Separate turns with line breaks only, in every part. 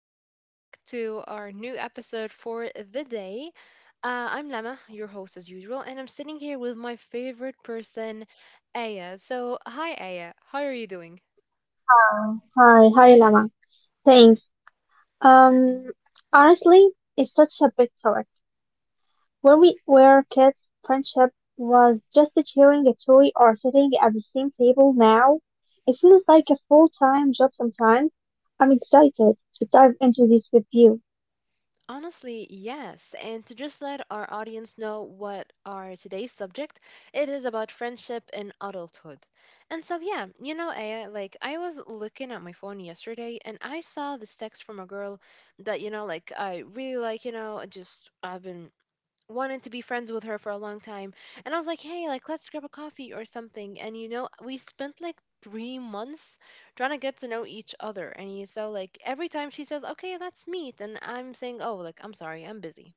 welcome back to our new episode for the day. I'm Lama, your host as usual, and I'm sitting here with my favorite person, Aya. So, hi, Aya. How are you doing?
Hi, hi, hi, Lama. Thanks. Um, Honestly, it's such a big topic. When we were kids, friendship was just sharing a toy or sitting at the same table. Now, it feels like a full-time job sometimes. I'm excited to dive into this with you.
Honestly, yes. And to just let our audience know what our today's subject, it is about friendship in adulthood. And so, yeah, you know, Aya, like I was looking at my phone yesterday, and I saw this text from a girl that I really like. I've been wanted to be friends with her for a long time. And I was like, hey, like, let's grab a coffee or something. And you know, we spent like 3 months trying to get to know each other. And you, so, like, every time she says, okay, let's meet, and I'm saying, oh, like, I'm sorry, I'm busy.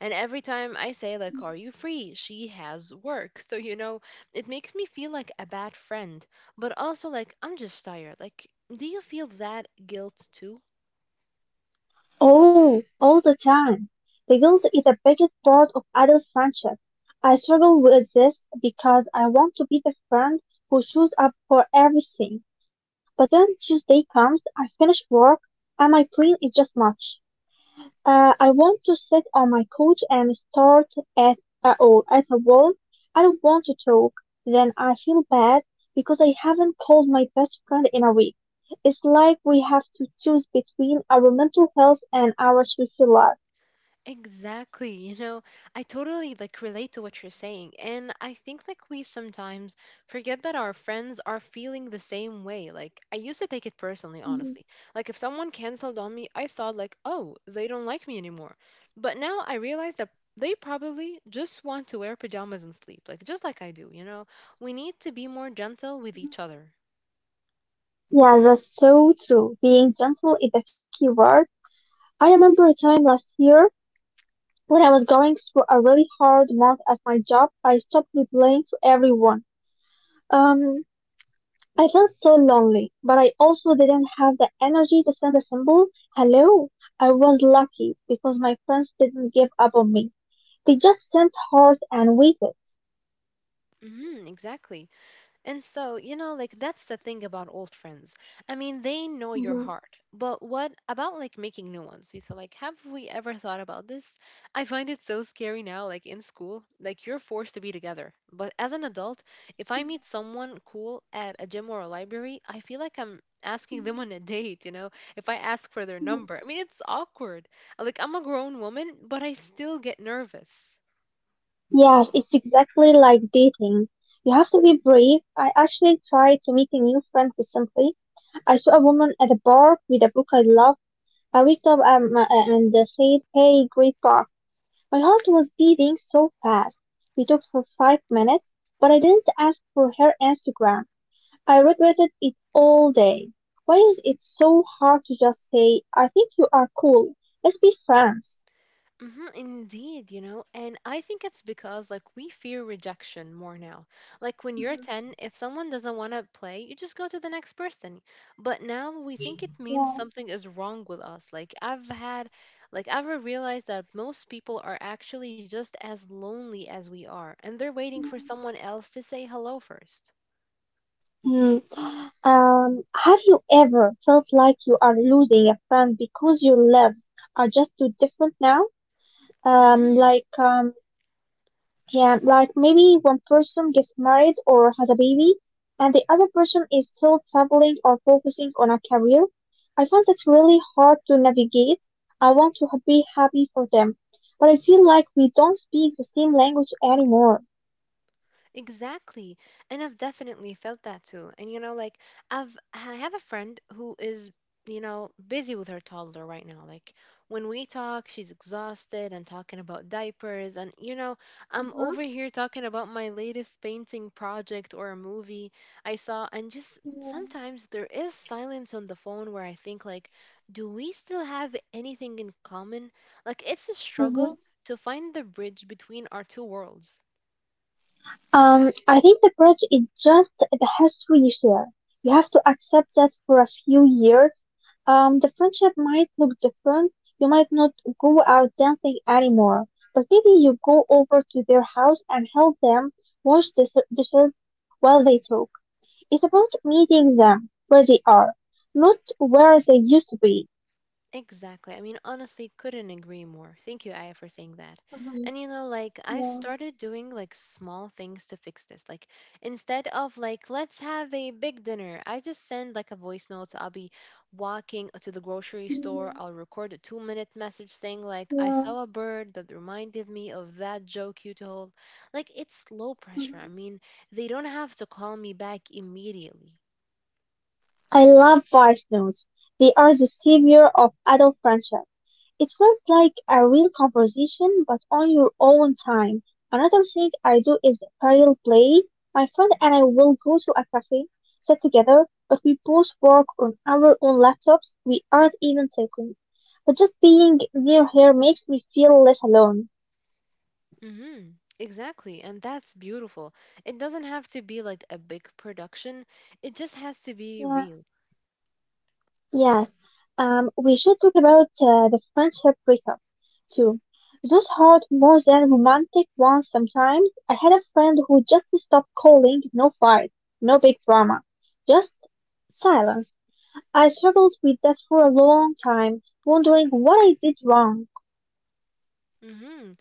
And every time I say, like, are you free? She has work. So, you know, it makes me feel like a bad friend, but also like, I'm just tired. Like, do you feel that guilt too?
Oh, all the time. The guilt is the biggest part of adult friendship. I struggle with this because I want to be the friend who shows up for everything. But then Tuesday comes, I finish work, and my brain is just mush. I want to sit on my couch and start at a, or at a wall. I don't want to talk. Then I feel bad because I haven't called my best friend in a week. It's like we have to choose between our mental health and our social life.
Exactly. You know, I totally like relate to what you're saying. And I think like we sometimes forget that our friends are feeling the same way. Like I used to take it personally,
Mhm.
honestly. Like if someone canceled on me, I thought like, "Oh, they don't like me anymore." But now I realize that they probably just want to wear pajamas and sleep, like just like I do, you know? We need to be more gentle with each other.
Yeah, that's so true. Being gentle is the key word. I remember a time last year when I was going through a really hard month at my job. I stopped replying to everyone. Um, I felt so lonely, but I also didn't have the energy to send a simple hello. I was lucky because my friends didn't give up on me. They just sent hearts and waited.
Mhm, exactly. And so, you know, like that's the thing about old friends. I mean, they know your
Mhm.
heart. But what about like making new ones? You said like, have we ever thought about this? I find it so scary now, like in school, like you're forced to be together. But as an adult, if I meet someone cool at a gym or a library, I feel like I'm asking them on a date, you know, if I ask for their number. I mean, it's awkward. Like, I'm a grown woman, but I still get nervous.
Yes, it's exactly like dating. You have to be brave. I actually tried to meet a new friend recently. I saw a woman at a bar with a book I love. I picked up and said, "Hey, great book." My heart was beating so fast. We talked for 5 minutes, but I didn't ask for her Instagram. I regretted it all day. Why is it so hard to just say, I think you are cool. Let's be friends.
Hmm, indeed, you know, and I think it's because like we fear rejection more now. Like when you're
Mhm.
10, if someone doesn't want to play, you just go to the next person. But now we think it means
Yeah.
something is wrong with us. Like I've realized that most people are actually just as lonely as we are, and they're waiting for someone else to say hello 1st.
Mm. Have you ever felt like you are losing a friend because your lives are just too different now? Um, like, um, Yeah, like maybe one person gets married or has a baby, and the other person is still traveling or focusing on a career. I find that really hard to navigate. I want to be happy for them, but I feel like we don't speak the same language anymore.
Exactly. And I've definitely felt that too. And you know, like I have a friend who is, you know, busy with her toddler right now. Like when we talk, she's exhausted and talking about diapers and you know, I'm over here talking about my latest painting project or a movie I saw, and just sometimes there is silence on the phone where I think like, do we still have anything in common? Like it's a struggle
Mhm.
to find the bridge between our two worlds.
I think the bridge is just the history you share. You have to accept that for a few years, the friendship might look different. You might not go out dancing anymore, but maybe you go over to their house and help them wash the dishes while they talk. It's about meeting them where they are, not where they used to be.
Exactly. I mean, honestly, couldn't agree more. Thank you, Aya, for saying that.
Mhm.
And you know, like, I've
Yeah.
started doing like small things to fix this. Like, instead of like, let's have a big dinner, I just send like a voice note. So I'll be walking to the grocery store.
Mhm.
I'll record a 2 minute message saying, like, I
Yeah.
saw a bird that reminded me of that joke you told. Like, it's low pressure.
Mhm.
I mean, they don't have to call me back immediately.
I love voice notes. They are the savior of adult friendship. It felt like a real conversation, but on your own time. Another thing I do is parallel play. My friend and I will go to a cafe, sit together, but we both work on our own laptops. We aren't even talking. But just being near her makes me feel less alone.
Mm-hmm. Exactly. And that's beautiful. It doesn't have to be like a big production, it just has to be
Yeah,
real.
yeah. We should talk about the friendship breakup too. Those hurt more than romantic ones sometimes. I had a friend who just stopped calling, no fight, no big drama, just silence. I struggled with that for a long time, wondering what I did wrong.
Mm-hmm.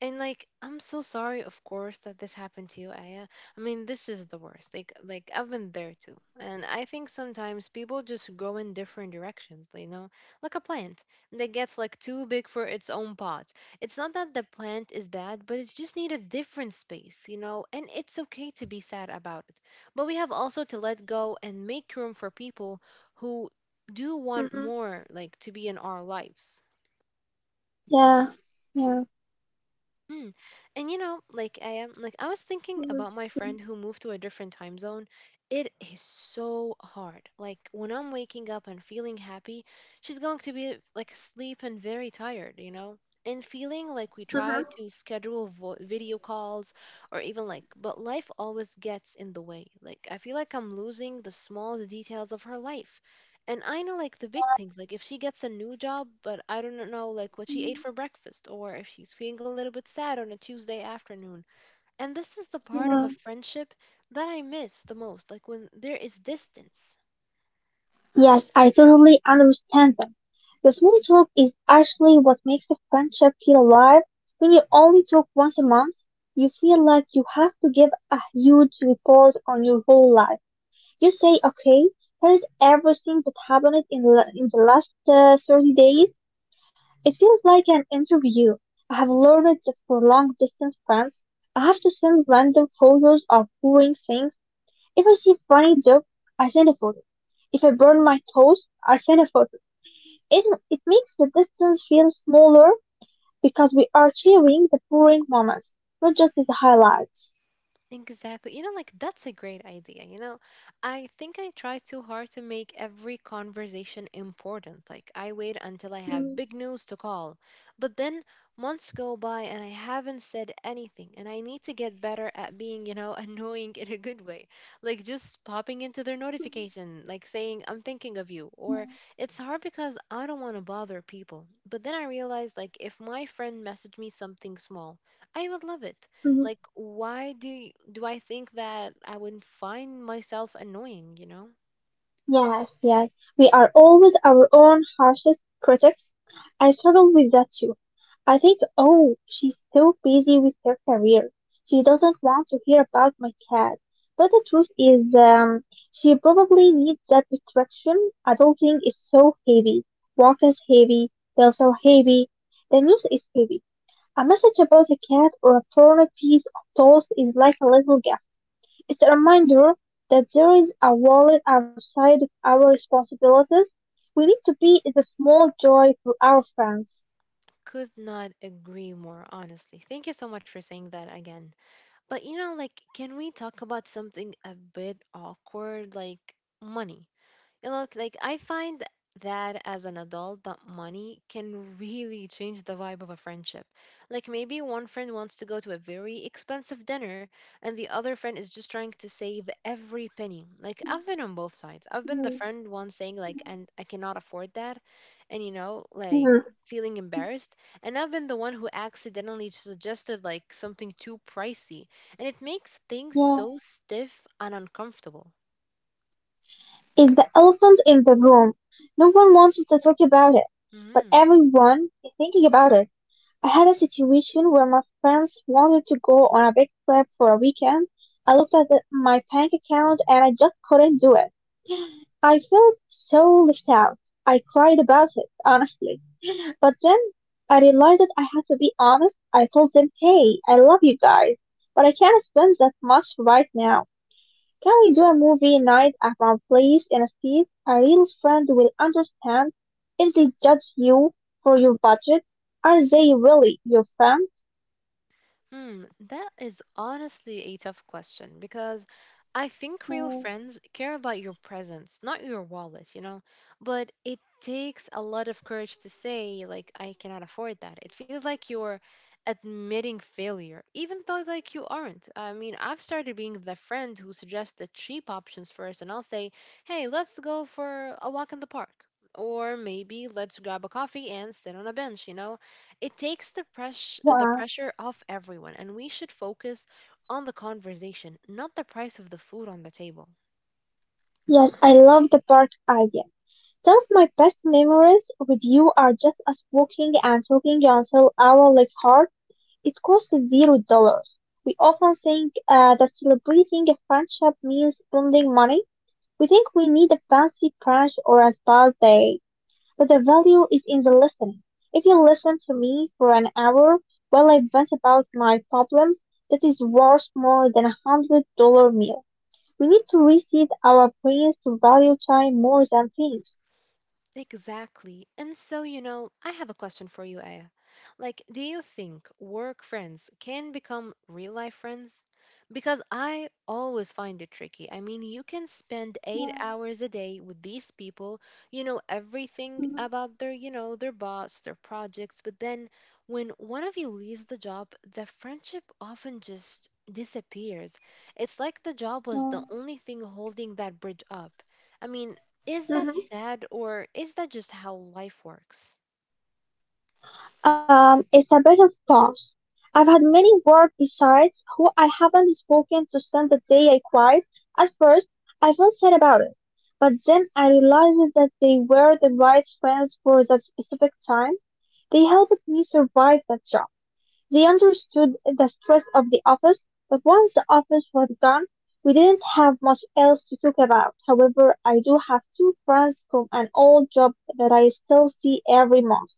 And like, I'm so sorry, of course, that this happened to you, Aya. I mean, this is the worst. Like I've been there too. And I think sometimes people just go in different directions, you know, like a plant that gets like too big for its own pot. It's not that the plant is bad, but it just need a different space, you know, and it's okay to be sad about it. But we have also to let go and make room for people who do want
Mm-hmm.
more, like, to be in our lives.
Yeah, yeah.
Mm. And you know, like I was thinking about my
Mm-hmm.
friend who moved to a different time zone. It is so hard. Like when I'm waking up and feeling happy, she's going to be like asleep and very tired, you know? And feeling like we try
Mm-hmm.
to schedule vo video calls or even like, but life always gets in the way. Like I feel like I'm losing the small details of her life. And I know like the big
Yeah,
things, like if she gets a new job, but I don't know like what she ate for breakfast or if she's feeling a little bit sad on a Tuesday afternoon. And this is the part of
yeah.
a friendship that I miss the most, like when there is distance.
Yes, I totally understand them. The small talk is actually what makes a friendship feel alive. When you only talk once a month, you feel like you have to give a huge report on your whole life. You say, okay, here's everything that happened in the last 30 days. It feels like an interview. I have learned that for long distance friends, I have to send random photos of boring things if I see a funny joke, I send a photo. If I burn my toes, I send a photo. It makes the distance feel smaller because we are sharing the boring moments, not just the highlights.
Exactly. You know, like that's a great idea. You know, I think I try too hard to make every conversation important. Like, I wait until I have big news to call. But then months go by and I haven't said anything. And I need to get better at being, you know, annoying in a good way. Like, just popping into their notification, like saying, I'm thinking of you. Or it's hard because I don't want to bother people. But then I realize, like, if my friend messaged me something small, I would love it. Like, why do I think that I would find myself annoying, you know?
Yes, yes. We are always our own harshest critics. I struggle with that too. I think, oh, she's so busy with her career. She doesn't want to hear about my cat. But the truth is, she probably needs that distraction. Adulting is so heavy. Work is heavy. Bills are heavy. The news is heavy. A message about a cat or a torn piece of toast is like a little gift. It's a reminder that there is a world outside of our responsibilities. We need to be the small joy for our friends.
Could not agree more, honestly. Thank you so much for saying that again. But you know, like, can we talk about something a bit awkward, like money? You know, like I find that as an adult, that money can really change the vibe of a friendship. Like maybe one friend wants to go to a very expensive dinner, and the other friend is just trying to save every penny. Like I've been on both sides. I've been the
Mm,
friend one saying like, and I cannot afford that, and you know, like
mm.
feeling embarrassed. And I've been the one who accidentally suggested like something too pricey, and it makes things
Yeah.
so stiff and uncomfortable.
It's the elephant in the room. No one wants to talk about it, but
Mhm.
everyone is thinking about it. I had a situation where my friends wanted to go on a big trip for a weekend. I looked at my bank account and I just couldn't do it. I felt so left out. I cried about it, honestly. But then I realized that I had to be honest. I told them, hey, I love you guys, but I can't spend that much right now. Can we do a movie night at my place instead? A real friend will understand if they judge you for your budget. Are they really your friend?
Hmm, that is honestly a tough question because I think real
Mm.
friends care about your presence, not your wallet, you know? But it takes a lot of courage to say, like, I cannot afford that. It feels like you're admitting failure, even though, like, you aren't. I mean, I've started being the friend who suggests the cheap options first, and I'll say, hey, let's go for a walk in the park. Or maybe let's grab a coffee and sit on a bench, you know? It takes the
Wow.
pressure off everyone, and we should focus on the conversation, not the price of the food on the table.
Yes, I love the park idea. Some of my best memories with you are just us walking and talking until our legs hurt. It costs $0. We often think that celebrating a friendship means spending money. We think we need a fancy brunch or a spa day, but the value is in the listening. If you listen to me for an hour while I vent about my problems, that is worth more than $100 meal. We need to reset our brains to value time more than
Exactly. And so, you know, I have a question for you, Aya. Like, do you think work friends can become real life friends? Because I always find it tricky. I mean, you can spend 8 hours a day with these people, you know everything
things.
about their, you know, their boss, their projects, but then when one of you leaves the job, the friendship often just disappears. It's like the job was the only thing holding that bridge up. I mean, is that sad or is that just how life works?
It's a bit of both. I've had many work besides who I haven't spoken to since the day I cried. At first, I felt sad about it, but then I realized that they were the right friends for that specific time. They helped me survive that job. They understood the stress of the office, but once the office was gone, we didn't have much else to talk about. However, I do have two friends from an old job that I still see every month.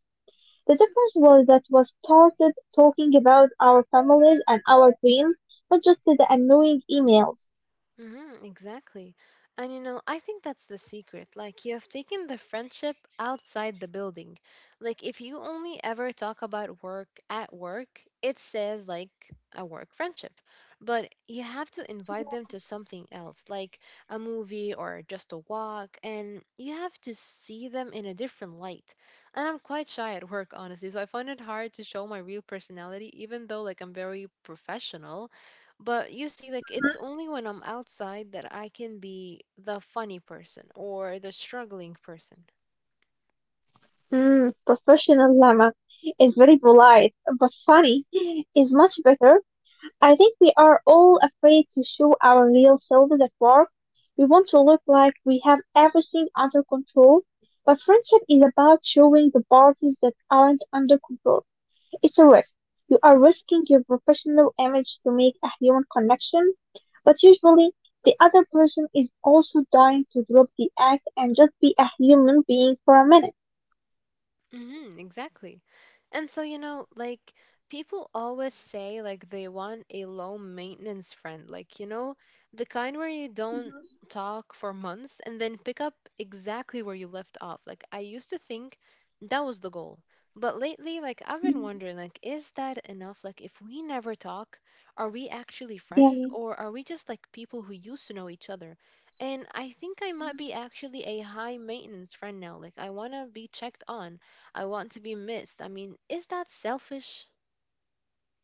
The difference was that we started talking about our families and our dreams, not just the annoying emails.
Mm-hmm, exactly. And you know, I think that's the secret. Like, you have taken the friendship outside the building. Like, if you only ever talk about work at work, it says like a work friendship. But you have to invite them
Yeah.
to something else, like a movie or just a walk, and you have to see them in a different light. And I'm quite shy at work, honestly, so I find it hard to show my real personality, even though like I'm very professional, but you see, like, it's
Mm-hmm.
only when I'm outside that I can be the funny person or the struggling person.
Mm, professional llama is very polite, but funny is much better. I think we are all afraid to show our real selves at work. We want to look like we have everything under control, but friendship is about showing the parts that aren't under control. It's a risk. You are risking your professional image to make a human connection, but usually the other person is also dying to drop the act and just be a human being for a minute.
Mm-hmm, exactly. And so, you know, like people always say like they want a low maintenance friend, like, you know, the kind where you don't talk for months and then pick up exactly where you left off. Like I used to think that was the goal. But lately, like I've
Yeah,
been wondering, like, is that enough? Like if we never talk, are we actually friends
yeah.
or are we just like people who used to know each other? And I think I might be actually a high maintenance friend now. Like I wanna be checked on. I want to be missed. I mean, is that selfish?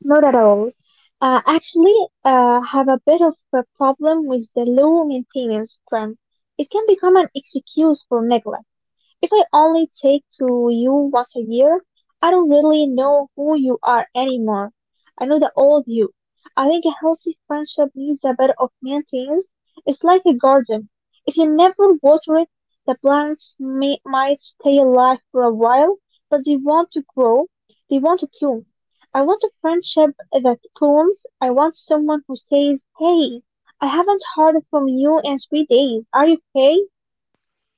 Not at all. Uh, actually, have a bit of a problem with the low maintenance trend. It can become an excuse for neglect. If I only take to you once a year, I don't really know who you are anymore. I know the old you. I think a healthy friendship needs a bit of maintenance. It's like a garden. If you never water it, the plants might stay alive for a while, but they want to grow. They want to bloom. I want a friendship that blooms. I want someone who says, Hey, I haven't heard from you in 3 days. Are you okay?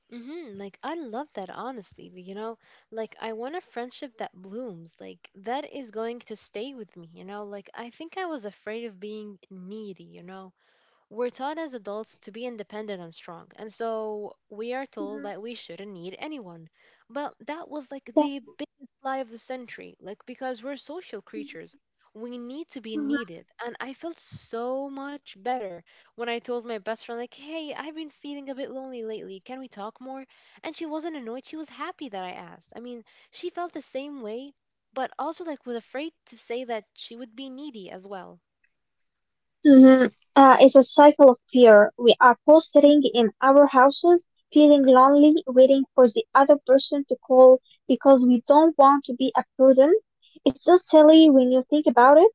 Mm-hmm. Like, I love that, honestly. You know, like, I want a friendship that blooms. Like, that is going to stay with me, you know? Like, I think I was afraid of being needy, you know? We're taught as adults to be independent and strong, and so we are told that we shouldn't need anyone. But that was like the biggest lie of the century, like because we're social creatures. We need to be
Mhm.
needed. And I felt so much better when I told my best friend, like, hey, I've been feeling a bit lonely lately. Can we talk more? And she wasn't annoyed. She was happy that I asked. I mean, she felt the same way, but also like was afraid to say that she would be needy as well.
Mhm. It's a cycle of fear. We are both sitting in our houses, feeling lonely, waiting for the other person to call because we don't want to be a burden. It's so silly when you think about it.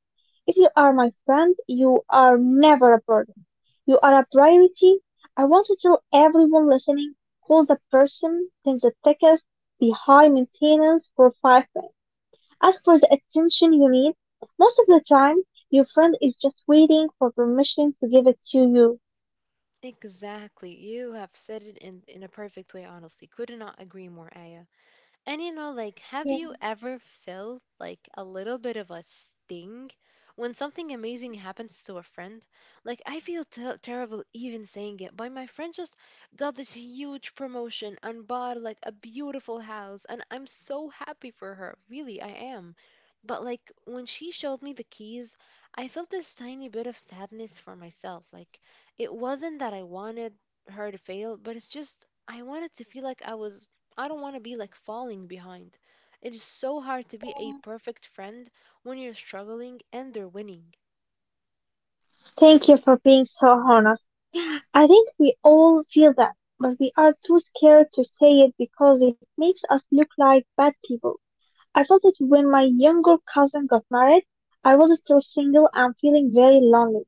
If you are my friend, you are never a burden. You are a priority. I want to tell everyone listening, call the person, send the tickets, be high maintenance for 5 minutes. As for the attention you need, most of the time your friend is just waiting for permission to give it to you.
Exactly. You have said it in a perfect way, honestly. Could not agree more, Aya. And you know, like, have
Yeah,
you ever felt like a little bit of a sting when something amazing happens to a friend? Like, I feel terrible even saying it, but my friend just got this huge promotion and bought like a beautiful house, and I'm so happy for her. Really, I am. But like, when she showed me the keys, I felt this tiny bit of sadness for myself. Like, it wasn't that I wanted her to fail, but it's just I wanted to feel like I was I don't want to be like falling behind. It is so hard to be a
yeah.
perfect friend when you're struggling and they're winning.
Thank you for being so honest. I think we all feel that, but we are too scared to say it because it makes us look like bad people. I felt it when my younger cousin got married. I was still single and feeling very lonely.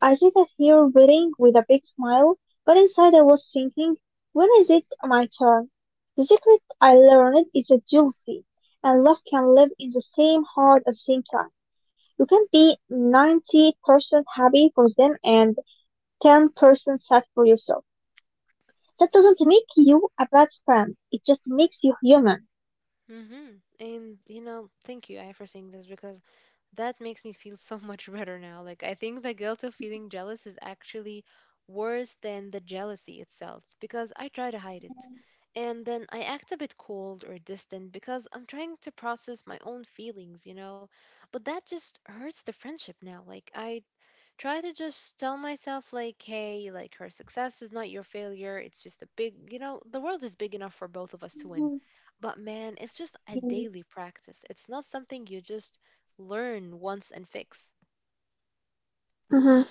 I sat here waiting with a big smile, but inside I was thinking, when is it my turn? The secret I learned is that jealousy and love can live in the same heart at the same time. You can be 90% happy for them and 10% sad for yourself. That doesn't make you a bad friend. It just makes you human.
And you know, thank you, I for saying this because that makes me feel so much better now. Like, I think the guilt of feeling jealous is actually worse than the jealousy itself because I try to hide it. And then I act a bit cold or distant because I'm trying to process my own feelings, you know? But that just hurts the friendship now. Like, I try to just tell myself like, hey, like, her success is not your failure, it's just a big, you know, the world is big enough for both of us to win,
Mhm.
but man, it's just a
Mhm.
daily practice, it's not something you just learn once and fix.
Mhm.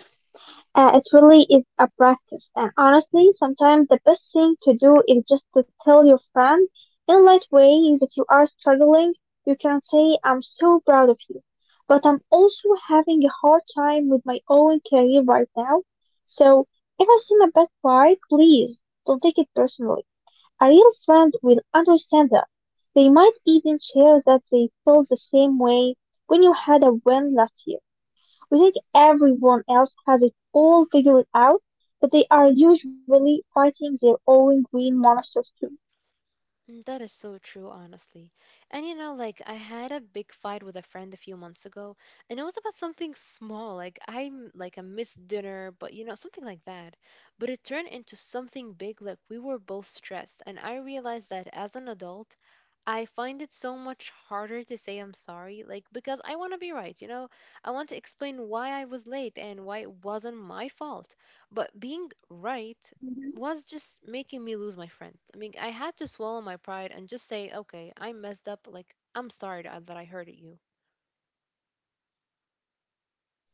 It really is a practice. And honestly, sometimes the best thing to do is just to tell your friend in a light way that you are struggling. You can say, I'm so proud of you, but I'm also having a hard time with my own career right now. So if I seem a bit quiet, please don't take it personally. A real friend will understand that. They might even share that they feel the same way when you had a win last year. We think everyone else has it all figured out, but they are usually fighting their own green monsters too.
Mm. That is so true, honestly. And you know, like, I had a big fight with a friend a few months ago, and it was about something small, like I'm like a missed dinner, but you know, something like that. But it turned into something big, like we were both stressed, and I realized that as an adult, I find it so much harder to say I'm sorry, like because I want to be right, you know? I want to explain why I was late and why it wasn't my fault. But being right
Mhm.
was just making me lose my friend. I mean, I had to swallow my pride and just say, okay, I messed up. Like, I'm sorry that I hurted you.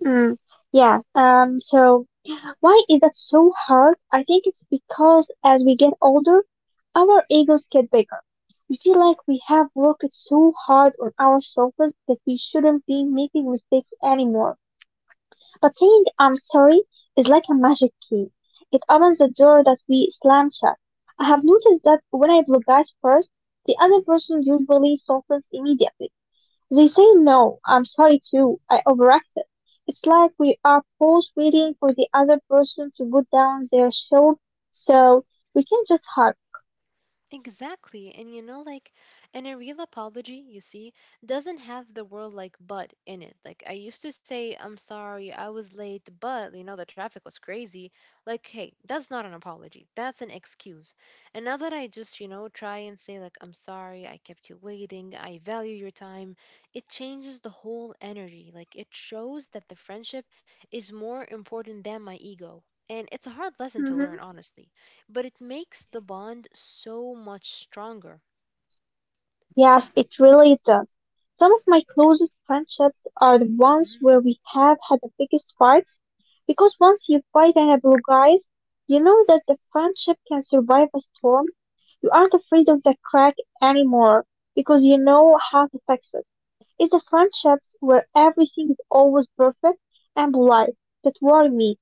Mm, yeah, so why is that so hard? I think it's because as we get older, our egos get bigger. We feel like we have worked so hard on ourselves that we shouldn't be making mistakes anymore. But saying "I'm sorry" is like a magic key. It opens the door that we slam shut. I have noticed that when I apologize first, the other person usually softens immediately. They say, no, I'm sorry too, I overacted. It's like we are both waiting for the other person to put down their shield so we can just hug.
Exactly. And you know, like, and a real apology, you see, doesn't have the word like but in it. Like, I used to say, I'm sorry, I was late, but, you know, the traffic was crazy. Like, hey, that's not an apology. That's an excuse. And now that I just, you know, try and say, like, I'm sorry, I kept you waiting, I value your time, it changes the whole energy. Like, it shows that the friendship is more important than my ego. And it's a hard lesson to learn,
Mhm.
honestly, but it makes the bond so much stronger.
Yes, it really does. Some of my closest friendships are the ones
Mm.
where we have had the biggest fights, because once you fight and apologize, you know that the friendship can survive a storm. You aren't afraid of the crack anymore, because you know how to fix it. It's the friendships where everything is always perfect and polite that worry me.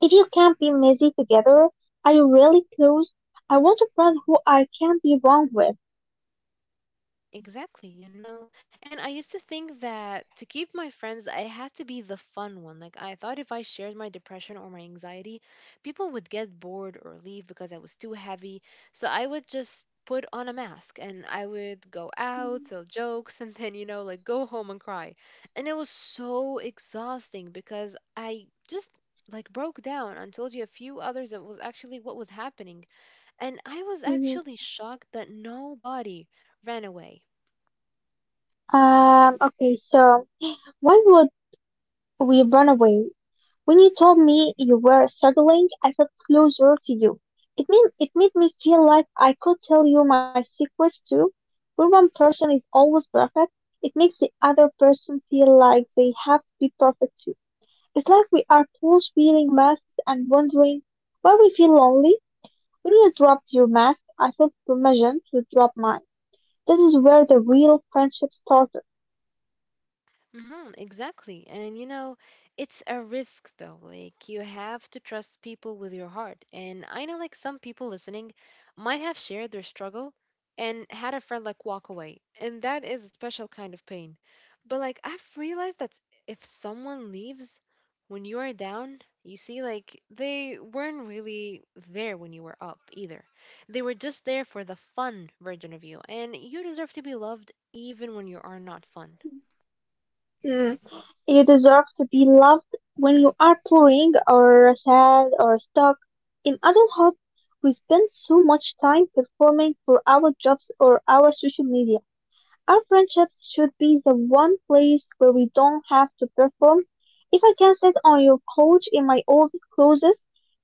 If you can't be messy together, are you really close? I want a friend who I can be wrong with.
Exactly, you know. And I used to think that to keep my friends, I had to be the fun one. Like, I thought if I shared my depression or my anxiety, people would get bored or leave because I was too heavy. So I would just put on a mask and I would go out, tell jokes, and then, you know, like go home and cry. And it was so exhausting because I just like broke down and told you a few others that was actually what was happening and I was actually shocked that nobody ran away.
Okay, so why would we run away? When you told me you were struggling, I felt closer to you. It made me feel like I could tell you my secrets too. When one person is always perfect, it makes the other person feel like they have to be perfect too. It's like we are both wearing masks and wondering why we feel lonely. When you dropped your mask, I felt permission to drop mine. This is where the real friendship started.
Mm-hmm, exactly. And you know, it's a risk though. Like, you have to trust people with your heart. And I know like some people listening might have shared their struggle and had a friend like walk away. And that is a special kind of pain. But like, I've realized that if someone leaves when you are down, you see like they weren't really there when you were up either. They were just there for the fun version of you. And you deserve to be loved even when you are not fun.
You deserve to be loved when you are boring or sad or stuck. In adulthood, we spend so much time performing for our jobs or our social media. Our friendships should be the one place where we don't have to perform. If I can sit on your couch in my office clothes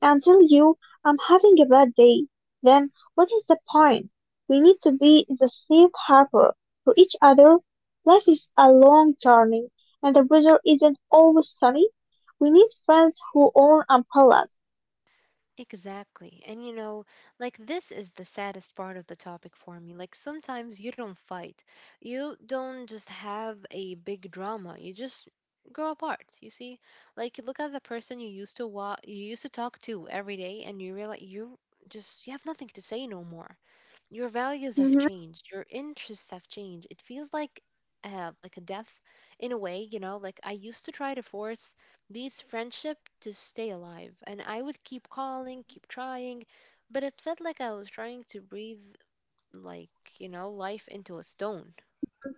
and tell you I'm having a bad day, then what is the point? We need to be in the safe harbor for each other. Life is a long journey and the weather isn't always sunny. We need friends who own umbrellas.
Exactly. And you know, like, this is the saddest part of the topic for me. Like, sometimes you don't fight. You don't just have a big drama. You just grow apart. You see? Like, you look at the person you used to you used to talk to every day and you realize you just you have nothing to say no more, your values have
Mhm,
changed, your interests have changed, it feels like a death in a way, you know, like I used to try to force these friendship to stay alive and I would keep calling,
mhm,
keep trying, but it felt like I was trying to breathe, like, you know, life into a stone.
mhm.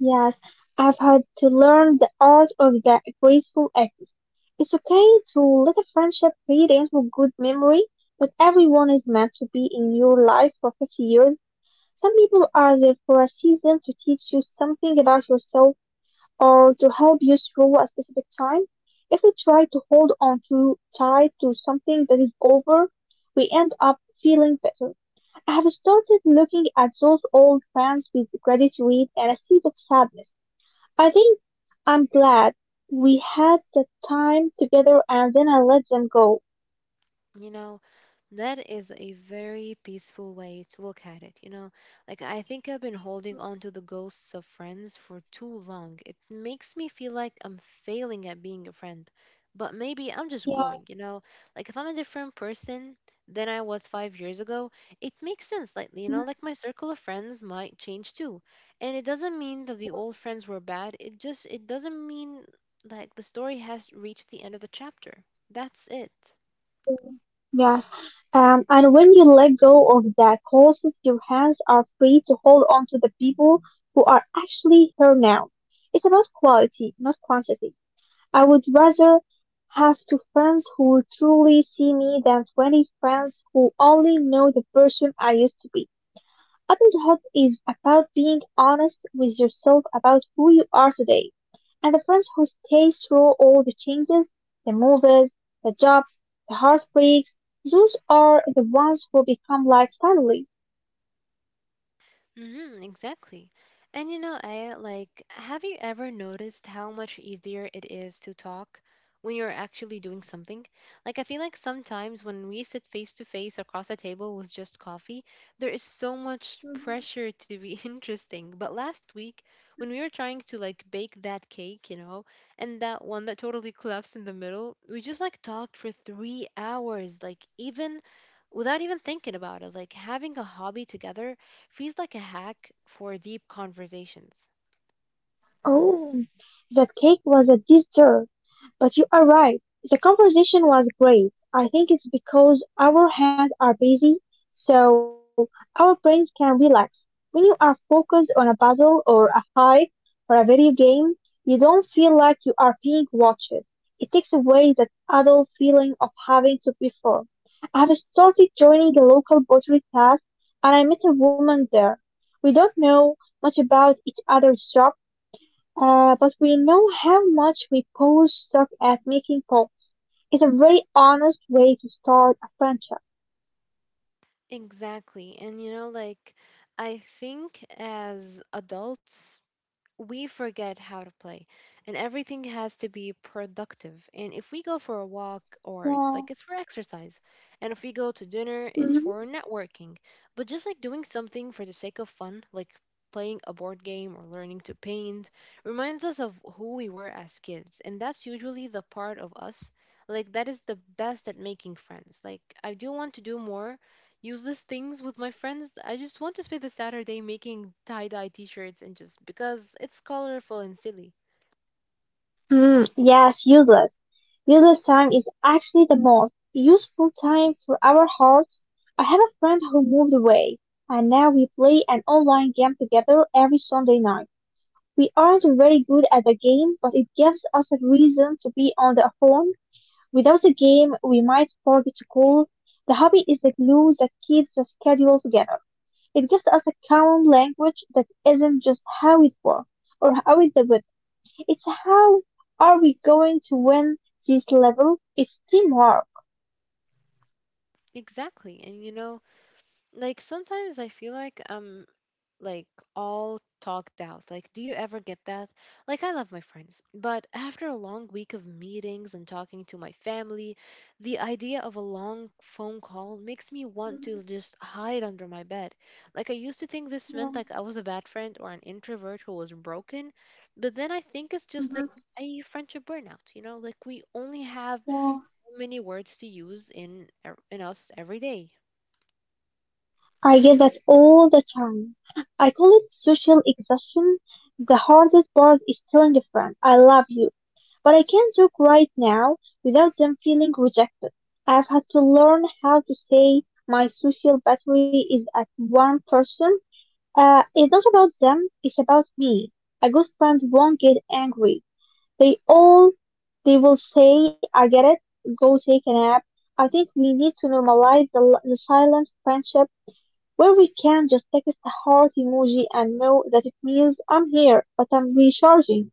Yes, I've had to learn the art of the graceful exit. It's okay to let a friendship fade into good memory, but everyone is meant to be in your life for 50 years. Some people are there for a season to teach you something about yourself or to help you through a specific time. If we try to hold on too tight to something that is over, we end up feeling bitter. I have started looking at those old friends with gratitude and a seed of sadness. I think I'm glad we had the time together and then I let them go.
You know, that is a very peaceful way to look at it, you know? Like, I think I've been holding
Mhm,
on to the ghosts of friends for too long. It makes me feel like I'm failing at being a friend. But maybe I'm just
yeah,
growing, you know? Like, if I'm a different person than I was 5 years ago, it makes sense slightly, you know?
mhm,
Like, my circle of friends might change too. And it doesn't mean that the
yeah,
old friends were bad, it just, it doesn't mean like the story has reached the end of the chapter. That's it.
yeah. Yes. And when you let go of that causes, your hands are free to hold on to the people who are actually here now. It's about quality, not quantity. I would rather have two friends who truly see me than 20 friends who only know the person I used to be. Adulthood is about being honest with yourself about who you are today. And the friends who stay through all the changes, the moves, the jobs, the heartbreaks, those are the ones who become like family.
Mm-hmm, exactly. And you know, I like, have you ever noticed how much easier it is to talk when you're actually doing something? Like, I feel like sometimes when we sit face to face across a table with just coffee, there is so much
Mhm.
pressure to be interesting. But last week, when we were trying to like bake that cake, you know, and that one that totally collapsed in the middle, we just like talked for 3 hours, like, even without even thinking about it, like having a hobby together feels like a hack for deep conversations.
Oh, that cake was a dessert. But you are right. The conversation was great. I think it's because our hands are busy, so our brains can relax. When you are focused on a puzzle or a hike or a video game, you don't feel like you are being watched. It takes away that adult feeling of having to perform. I have started joining a local pottery class and I met a woman there. We don't know much about each other's jobs but we know how much we Poles suck at making polls. It's a very honest way to start a friendship.
Exactly. And you know, like, I think as adults, we forget how to play and everything has to be productive, and if we go for a walk, or it's
Yeah.
like, it's for exercise, and if we go to dinner, it's
Hmm.
for networking, but just like doing something for the sake of fun, like playing a board game or learning to paint, reminds us of who we were as kids, and that's usually the part of us like that is the best at making friends. Like, I do want to do more useless things with my friends. I just want to spend the Saturday making tie dye t shirts and just because it's colorful and silly.
Hmm. Yes, useless. Useless time is actually the most useful time for our hearts. I have a friend who moved away, and now we play an online game together every Sunday night. We aren't very good at the game, but it gives us a reason to be on the phone. Without a game, we might forget to call. The hobby is the glue that keeps the schedule together. It gives us a common language that isn't just how it works or how it did. It's how are we going to win this level? It's teamwork.
Exactly. And you know, like, sometimes I feel like I'm like all talked out. Like, do you ever get that? Like, I love my friends, but after a long week of meetings and talking to my family, the idea of a long phone call makes me want to just hide under my bed. Like, I used to think this meant like I was a bad friend or an introvert who was broken, but then I think it's just like a friendship burnout, you know? Like, we only have so many words to use in us every day.
I get that all the time. I call it social exhaustion. The hardest part is telling a friend, I love you, but I can't talk right now, without them feeling rejected. I've had to learn how to say my social battery is at one person. It's not about them, it's about me. A good friend won't get angry. They all, they will say, I get it, go take a nap. I think we need to normalize the silent friendship where we can just text a heart emoji and know that it means I'm here, but I'm recharging.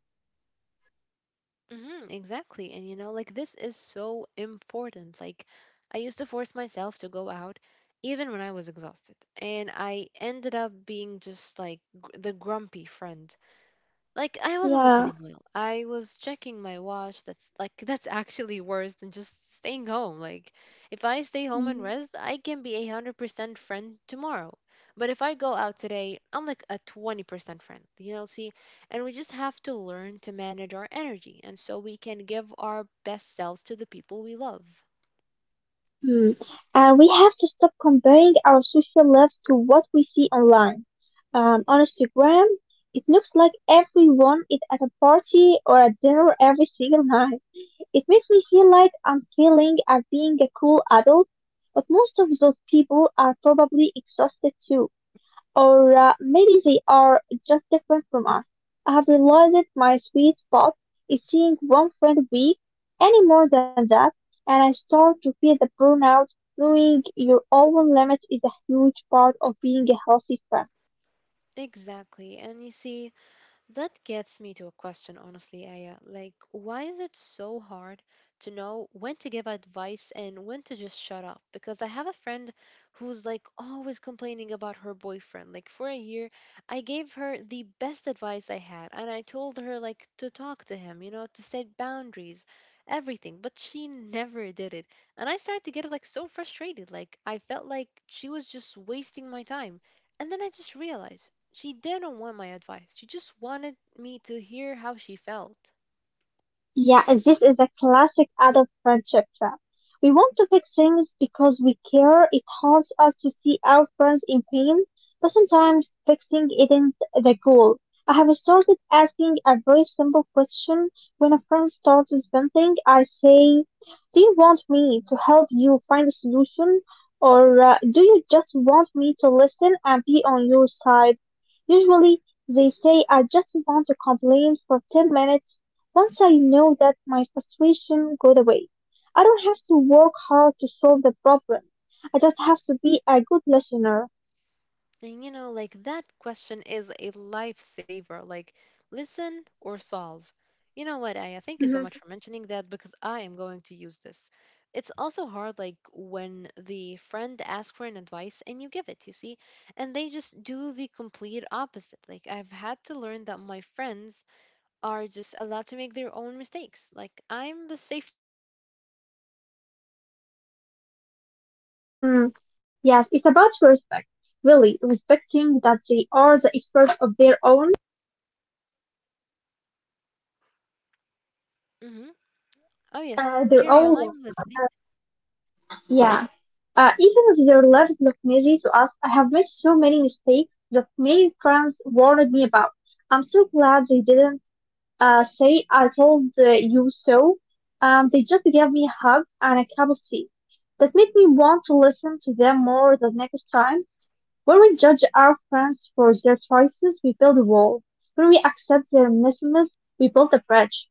Exactly. And you know, like, this is so important. Like, I used to force myself to go out even when I was exhausted. And I ended up being just like the grumpy friend, like, I wasn't listening
Yeah.
well. I was checking my watch. That's like that's actually worse than just staying home. Like, if I stay home and
Mm.
rest, I can be 100% friend tomorrow. But if I go out today, I'm like a 20% friend. You know, see, and we just have to learn to manage our energy, and so we can give our best selves to the people we love.
Hmm. And we have to stop comparing our social lives to what we see online. On Instagram, it looks like everyone is at a party or a dinner every single night. It makes me feel like I'm failing at being a cool adult, but most of those people are probably exhausted too. Or maybe they are just different from us. I have realized that my sweet spot is seeing one friend a week, any more than that, and I start to feel the burnout. Knowing your own limit is a huge part of being a healthy friend.
Exactly. And you see, that gets me to a question, honestly, Aya. Like, why is it so hard to know when to give advice and when to just shut up? Because I have a friend who's like always complaining about her boyfriend. Like, for a year, I gave her the best advice I had, and I told her, like, to talk to him, you know, to set boundaries, everything. But she never did it. And I started to get, like, so frustrated. Like, I felt like she was just wasting my time. And then I just realized she didn't want my advice. She just wanted me to hear how she felt.
Yeah, this is a classic adult friendship trap. We want to fix things because we care. It haunts us to see our friends in pain, but sometimes fixing isn't the goal. I have started asking a very simple question. When a friend starts venting, I say, do you want me to help you find a solution? Or do you just want me to listen and be on your side? Usually, they say, I just want to complain for 10 minutes. Once I know that, my frustration goes away, I don't have to work hard to solve the problem. I just have to be a good listener.
And you know, like that question is a lifesaver. Like, listen or solve. You know what, Aya? Thank you so
Mhm.
much for mentioning that because I am going to use this. It's also hard, like, when the friend asks for an advice and you give it, you see, and they just do the complete opposite. Like, I've had to learn that my friends are just allowed to make their own mistakes. Like I'm the safety net, not the driver. So if they fall, I'll be there to just pick them up.
Mm.
Even if
Yes,
I
it's
told
about
them,
respect. Really, respecting that they are the experts of their own,
hmm oh yes, carry on,
their
I'm
own.
listening.
Uh, yeah. Even if their lives look messy to us, I have made so many mistakes that many friends warned me about. I'm so glad they didn't say I told you so. They just gave me a hug and a cup of tea. That made me want to listen to them more the next time. When we judge our friends for their choices, we build a wall. When we accept their messiness, we build a bridge.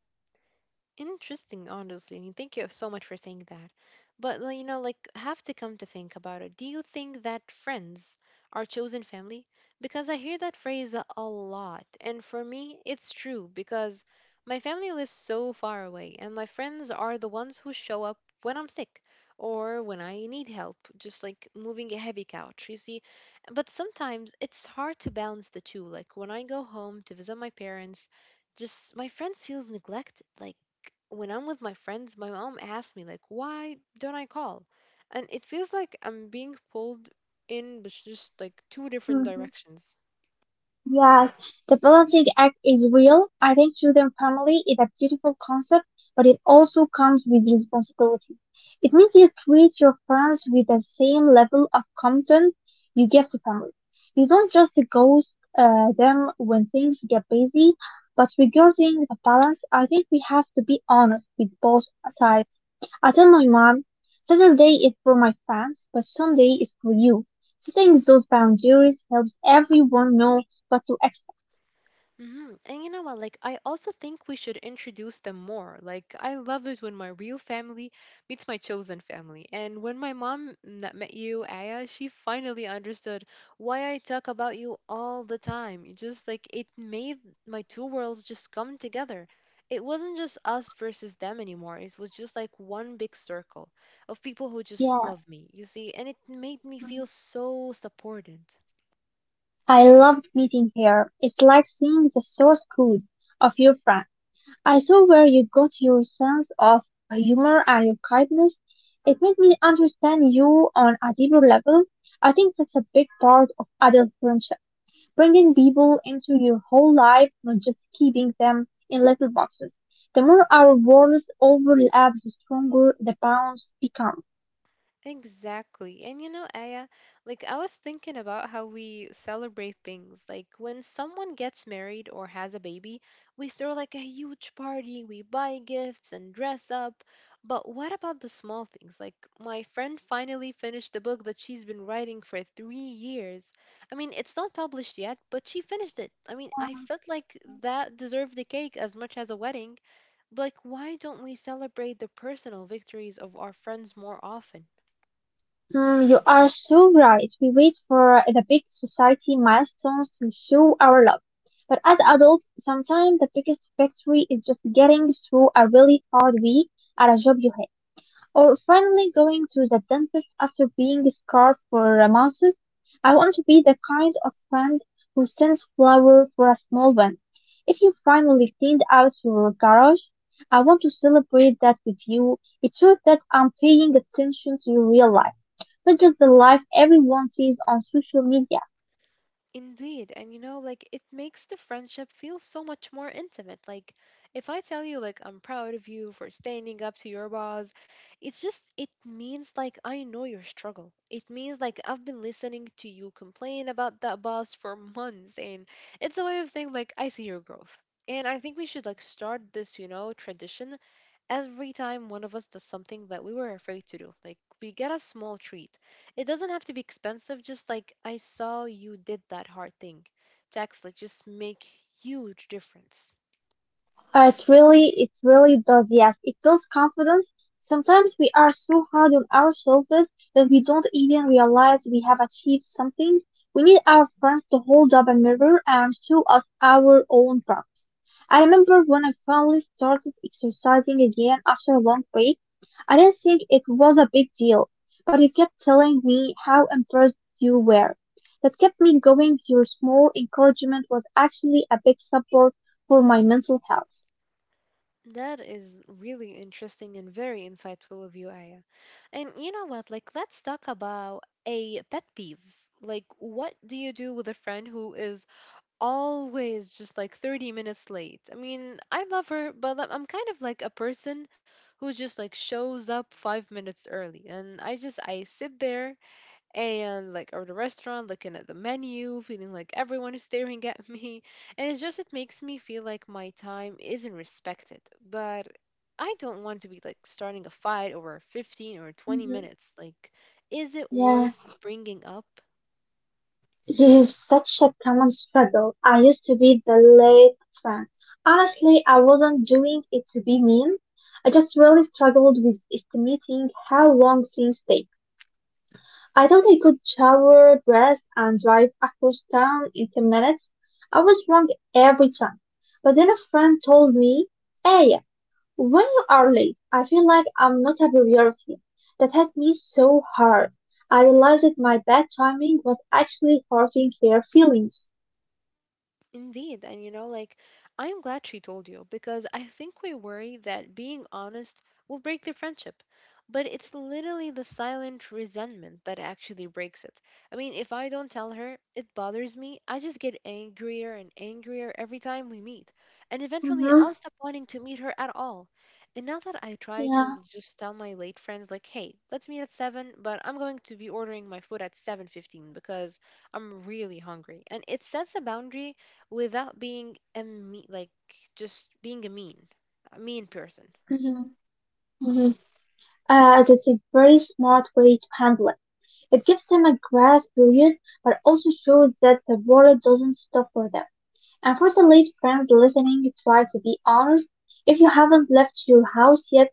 Interesting, honestly. I mean, thank you so much for saying that. But like, you know, like, have to come to think about it. Do you think that friends are chosen family? Because I hear that phrase a lot, and for me, it's true because my family lives so far away, and my friends are the ones who show up when I'm sick or when I need help, just like moving a heavy couch, you see. But sometimes it's hard to balance the two. Like when I go home to visit my parents, just my friends feels neglected. Like when I'm with my friends, my mom asks me like, "Why don't I call?" And it feels like I'm being pulled in, but just like two different
Mhm.
directions.
Yes, the balancing act is real. I think choosing family is a beautiful concept, but it also comes with responsibility. It means you treat your friends with the same level of commitment you give to family. You don't just ghost them when things get busy, but regarding the balance, I think we have to be honest with both sides. I tell my mom, Saturday is for my fans, but Sunday is for you. Setting those boundaries helps everyone know what to expect.
Hmm. And you know what? Like, I also think we should introduce them more. Like, I love it when my real family meets my chosen family. And when my mom met you, Aya, she finally understood why I talk about you all the time. It Just like it made my two worlds just come together. It wasn't just us
Hmm.
versus them anymore. It was just like one big circle of people who just
Yeah.
love me, you see? And it made me feel so supported.
I loved meeting here. It's like seeing the source code of your friend. I saw where you got your sense of humor and your kindness. It made me understand you on a deeper level. I think that's a big part of adult friendship, bringing people into your whole life, not just keeping them in little boxes. The more our worlds overlap, the stronger the bonds become.
Exactly. And you know, Aya, like I was thinking about how we celebrate things. Like when someone gets married or has a baby, we throw like a huge party, we buy gifts and dress up. But what about the small things? Like my friend finally finished the book that she's been writing for 3 years. I mean, it's not published yet, but she finished it. I mean, I felt like that deserved the cake as much as a wedding. Like, why don't we celebrate the personal victories of our friends more often?
Mm, you are so right. We wait for the big society milestones to show our love. But as adults, sometimes the biggest victory is just getting through a really hard week at a job you hate. Or finally going to the dentist after being scarred for a month. I want to be the kind of friend who sends flowers for a small one. If you finally cleaned out your garage, I want to celebrate that with you. It shows that I'm paying attention to your real life, not just the life everyone sees on social media.
Indeed, and you know, like it makes the friendship feel so much more intimate. Like if I tell you like I'm proud of you for standing up to your boss, it's just it means like I know your struggle. It means like I've been listening to you complain about that boss for months and it's a way of saying like I see your growth. And I think we should like start this, you know, tradition every time one of us does something that we were afraid to do. Like we get a small treat. It doesn't have to be expensive, just like I saw you did that hard thing. Texts like just make huge difference.
It really does. Yes, it builds confidence. Sometimes we are so hard on ourselves that we don't even realize we have achieved something. We need our friends to hold up a mirror and show us our own parts. I remember when I finally started exercising again after a long break. I didn't think it was a big deal, but you kept telling me how impressed you were. That kept me going. Your small encouragement was actually a big support for my mental health.
That is really interesting and very insightful of you, Aya. And you know what? Like let's talk about a pet peeve. Like what do you do with a friend who is always just like 30 minutes late. I mean, I love her, but I'm kind of like a person who just like shows up 5 minutes early. And I just I sit there and like at the restaurant looking at the menu, feeling like everyone is staring at me. And it's just it makes me feel like my time isn't respected. But I don't want to be like starting a fight over 15 or 20
Mhm.
minutes. Like is it
Yeah,
worth bringing up?
this is such a common struggle. I used to be the late fan. Honestly, I wasn't doing it to be mean. I just really struggled with estimating how long things take. I thought I could shower, dress, and drive across town in 10 minutes. I was wrong every time. But then a friend told me, "Aya, when you are late, I feel like I'm not a priority. That hit me so hard. I realized that my bad timing was actually hurting their feelings.
Indeed. And you know, like, I'm glad she told you because I think we worry that being honest will break their friendship. But it's literally the silent resentment that actually breaks it. I mean, if I don't tell her, it bothers me. I just get angrier and angrier every time we meet. And eventually,
Mm-hmm.
I'll stop wanting to meet her at all. And now that I try
Yeah.
to just tell my late friends, like, hey, let's meet at 7, but I'm going to be ordering my food at 7:15 because I'm really hungry. And it sets a boundary without being a mean, like just being a mean person.
Mm-hmm. Mm-hmm. That's a very smart way to handle it. It gives them a grace period, but also shows that the world doesn't stop for them. Unfortunately, friends listening, try to be honest. If you haven't left your house yet,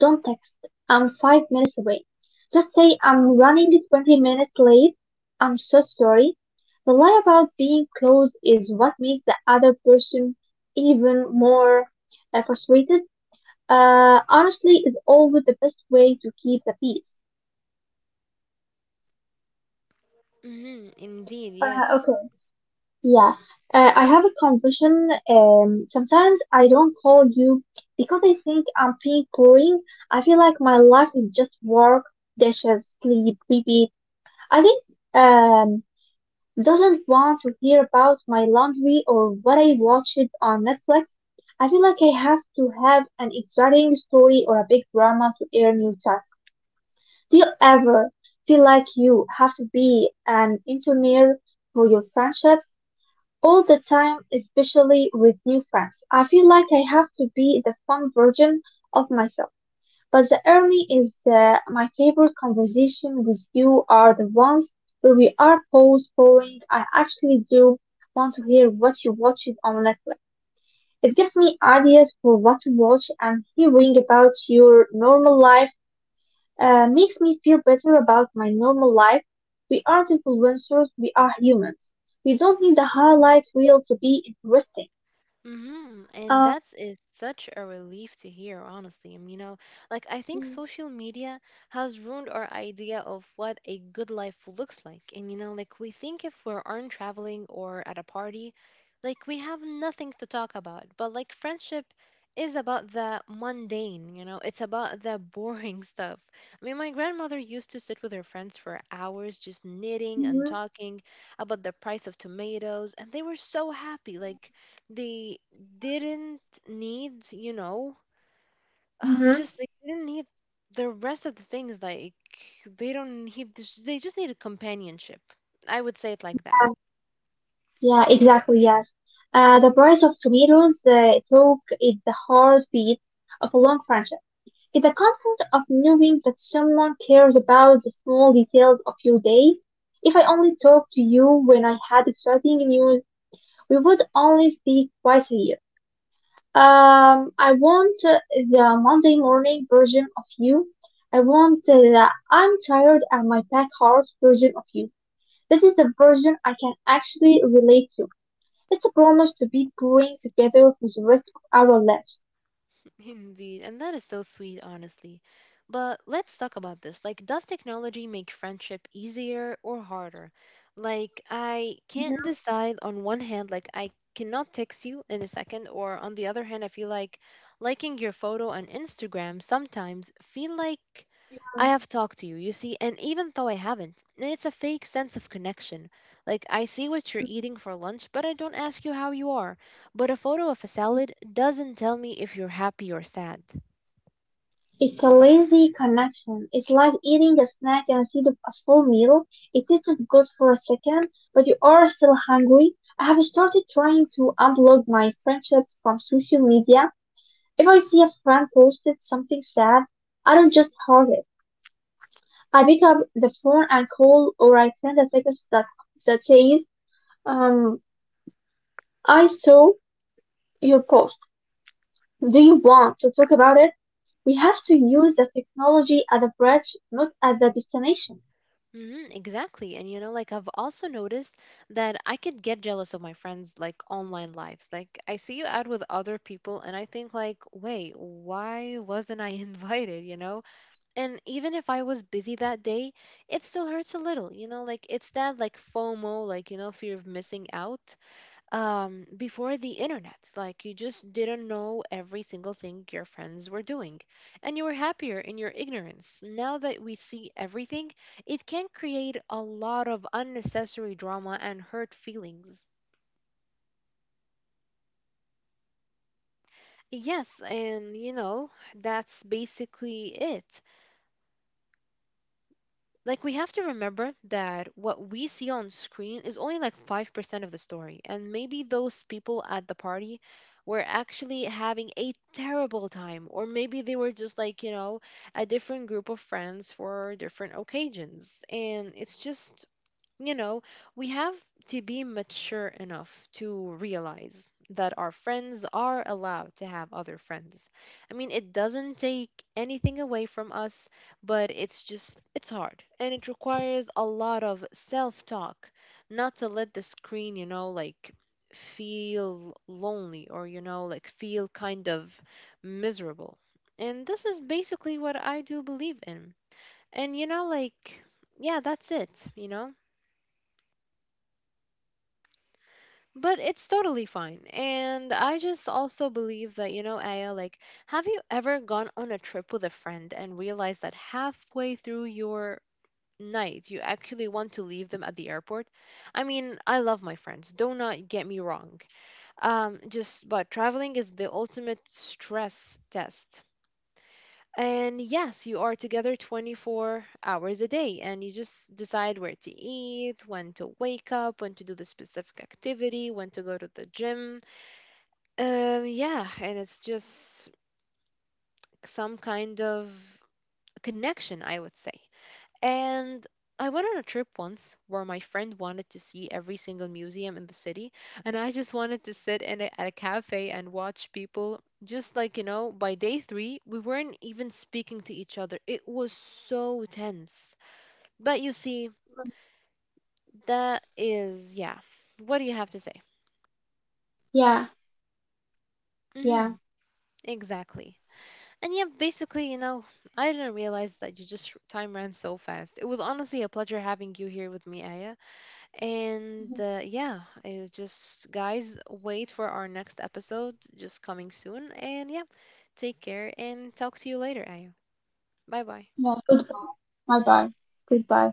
don't text, I'm 5 minutes away. Just say, I'm running 20 minutes late. I'm so sorry. The lie about being close is what makes the other person even more frustrated. Honestly, is always the best way to keep the peace.
Hmm, indeed,
Uh,
yes.
okay, yeah, I have a confusion. Sometimes I don't call you because I think I'm being boring. I feel like my life is just work, dishes, sleep, repeat. I think um doesn't want to hear about my laundry or what I watched on Netflix. I feel like I have to have an exciting story or a big drama to earn your trust. Do you ever feel like you have to be an engineer for your friendships? All the time, especially with new friends. I feel like I have to be the fun version of myself. But the early is my favorite conversation with you are the ones where we are post pouring. I actually do want to hear what you watched on Netflix. It gives me ideas for what to watch, and hearing about your normal life makes me feel better about my normal life. We aren't influencers, we are humans. We don't need the highlight reel to be interesting.
Mm-hmm. And that's
Um,
is such a relief to hear, honestly. You know, like I think
mm-hmm.
social media has ruined our idea of what a good life looks like. And you know, like we think if we aren't traveling or at a party, like we have nothing to talk about. But like friendship is about the mundane, you know, it's about the boring stuff. I mean, my grandmother used to sit with her friends for hours just knitting and talking about the price of tomatoes, and they were so happy. Like they didn't need, you know,
Mm-hmm.
just they didn't need the rest of the things. Like they don't need, this, they just needed companionship. I would say it like that.
Yeah, yeah, exactly, yes. The price of tomatoes talk is the heartbeat of a long friendship. It's the comfort of knowing that someone cares about the small details of your day. If I only talked to you when I had exciting news, we would only speak twice a year. I want the Monday morning version of you. I want the I'm tired and my back hurts version of you. This is the version I can actually relate to. It's a promise to be growing together for the rest of our lives.
Indeed, and that is so sweet, honestly. But let's talk about this. Like, does technology make friendship easier or harder? Like, I can't
Yeah,
decide on one hand, like, I cannot text you in a second, or on the other hand, I feel like liking your photo on Instagram sometimes feel like
yeah.
I have talked to you, you see, and even though I haven't, and it's a fake sense of connection. Like, I see what you're
Mm,
eating for lunch, but I don't ask you how you are. But a photo of a
mm.
salad doesn't tell me if you're happy or sad.
It's a lazy connection. It's like eating a snack instead of a full meal. It tastes good for a second, but you are still hungry. I have started trying to unblock my friendships from social media. If I see a friend posted something sad, I don't just heart it. I pick up the phone and call, or I send a text that says, um, I saw your post. Do you want to talk about it? We have to use the technology as a bridge, not as a destination.
Mm-hmm, exactly. And you know, like I've also noticed that I could get jealous of my friends' like online lives. Like I see you out with other people and I think like, "Wait, why wasn't I invited?" you know? And even if I was busy that day, it still hurts a little. You know, like it's that like FOMO, like you know, fear of missing out. Before the internet like you just didn't know every single thing your friends were doing and you were happier in your ignorance. Now that we see everything it can create a lot of unnecessary drama and hurt feelings. Yes, and you know that's basically it. Like we have to remember that what we see on screen is only like 5% of the story, and maybe those people at the party were actually having a terrible time, or maybe they were just like you know a different group of friends for different occasions, and it's just you know, we have to be mature enough to realize that our friends are allowed to have other friends. I mean, it doesn't take anything away from us, but it's just, it's hard. And it requires a lot of self talk, not to let the screen, you know, like feel lonely or, you know, like feel kind of miserable. And this is basically what I do believe in. And, you know, like, yeah, that's it, you know? But it's totally fine. And I just also believe that, you know, Aya, like, have you ever gone on a trip with a friend and realized that halfway through your night, you actually want to leave them at the airport? I mean, I love my friends, do not get me wrong. But traveling is the ultimate stress test. And yes, you are together 24 hours a day, and you just decide where to eat, when to wake up, when to do the specific activity, when to go to the gym. Yeah, and it's just some kind of connection, I would say. And I went on a trip once where my friend wanted to see every single museum in the city, and I just wanted to sit at a cafe and watch people. Just like, you know, by day three, we weren't even speaking to each other. It was so tense. But you see,
Mhm.
that is, yeah. What do you have to say?
Yeah,
Hmm,
yeah.
exactly. And yeah, basically, you know, I didn't realize that you just time ran so fast. It was honestly a pleasure having you here with me, Aya. And
Mhm.
yeah, it was just guys, wait for our next episode just coming soon. And yeah, take care and talk to you later, Aya. Bye bye.
Yeah, goodbye. Bye bye. Goodbye.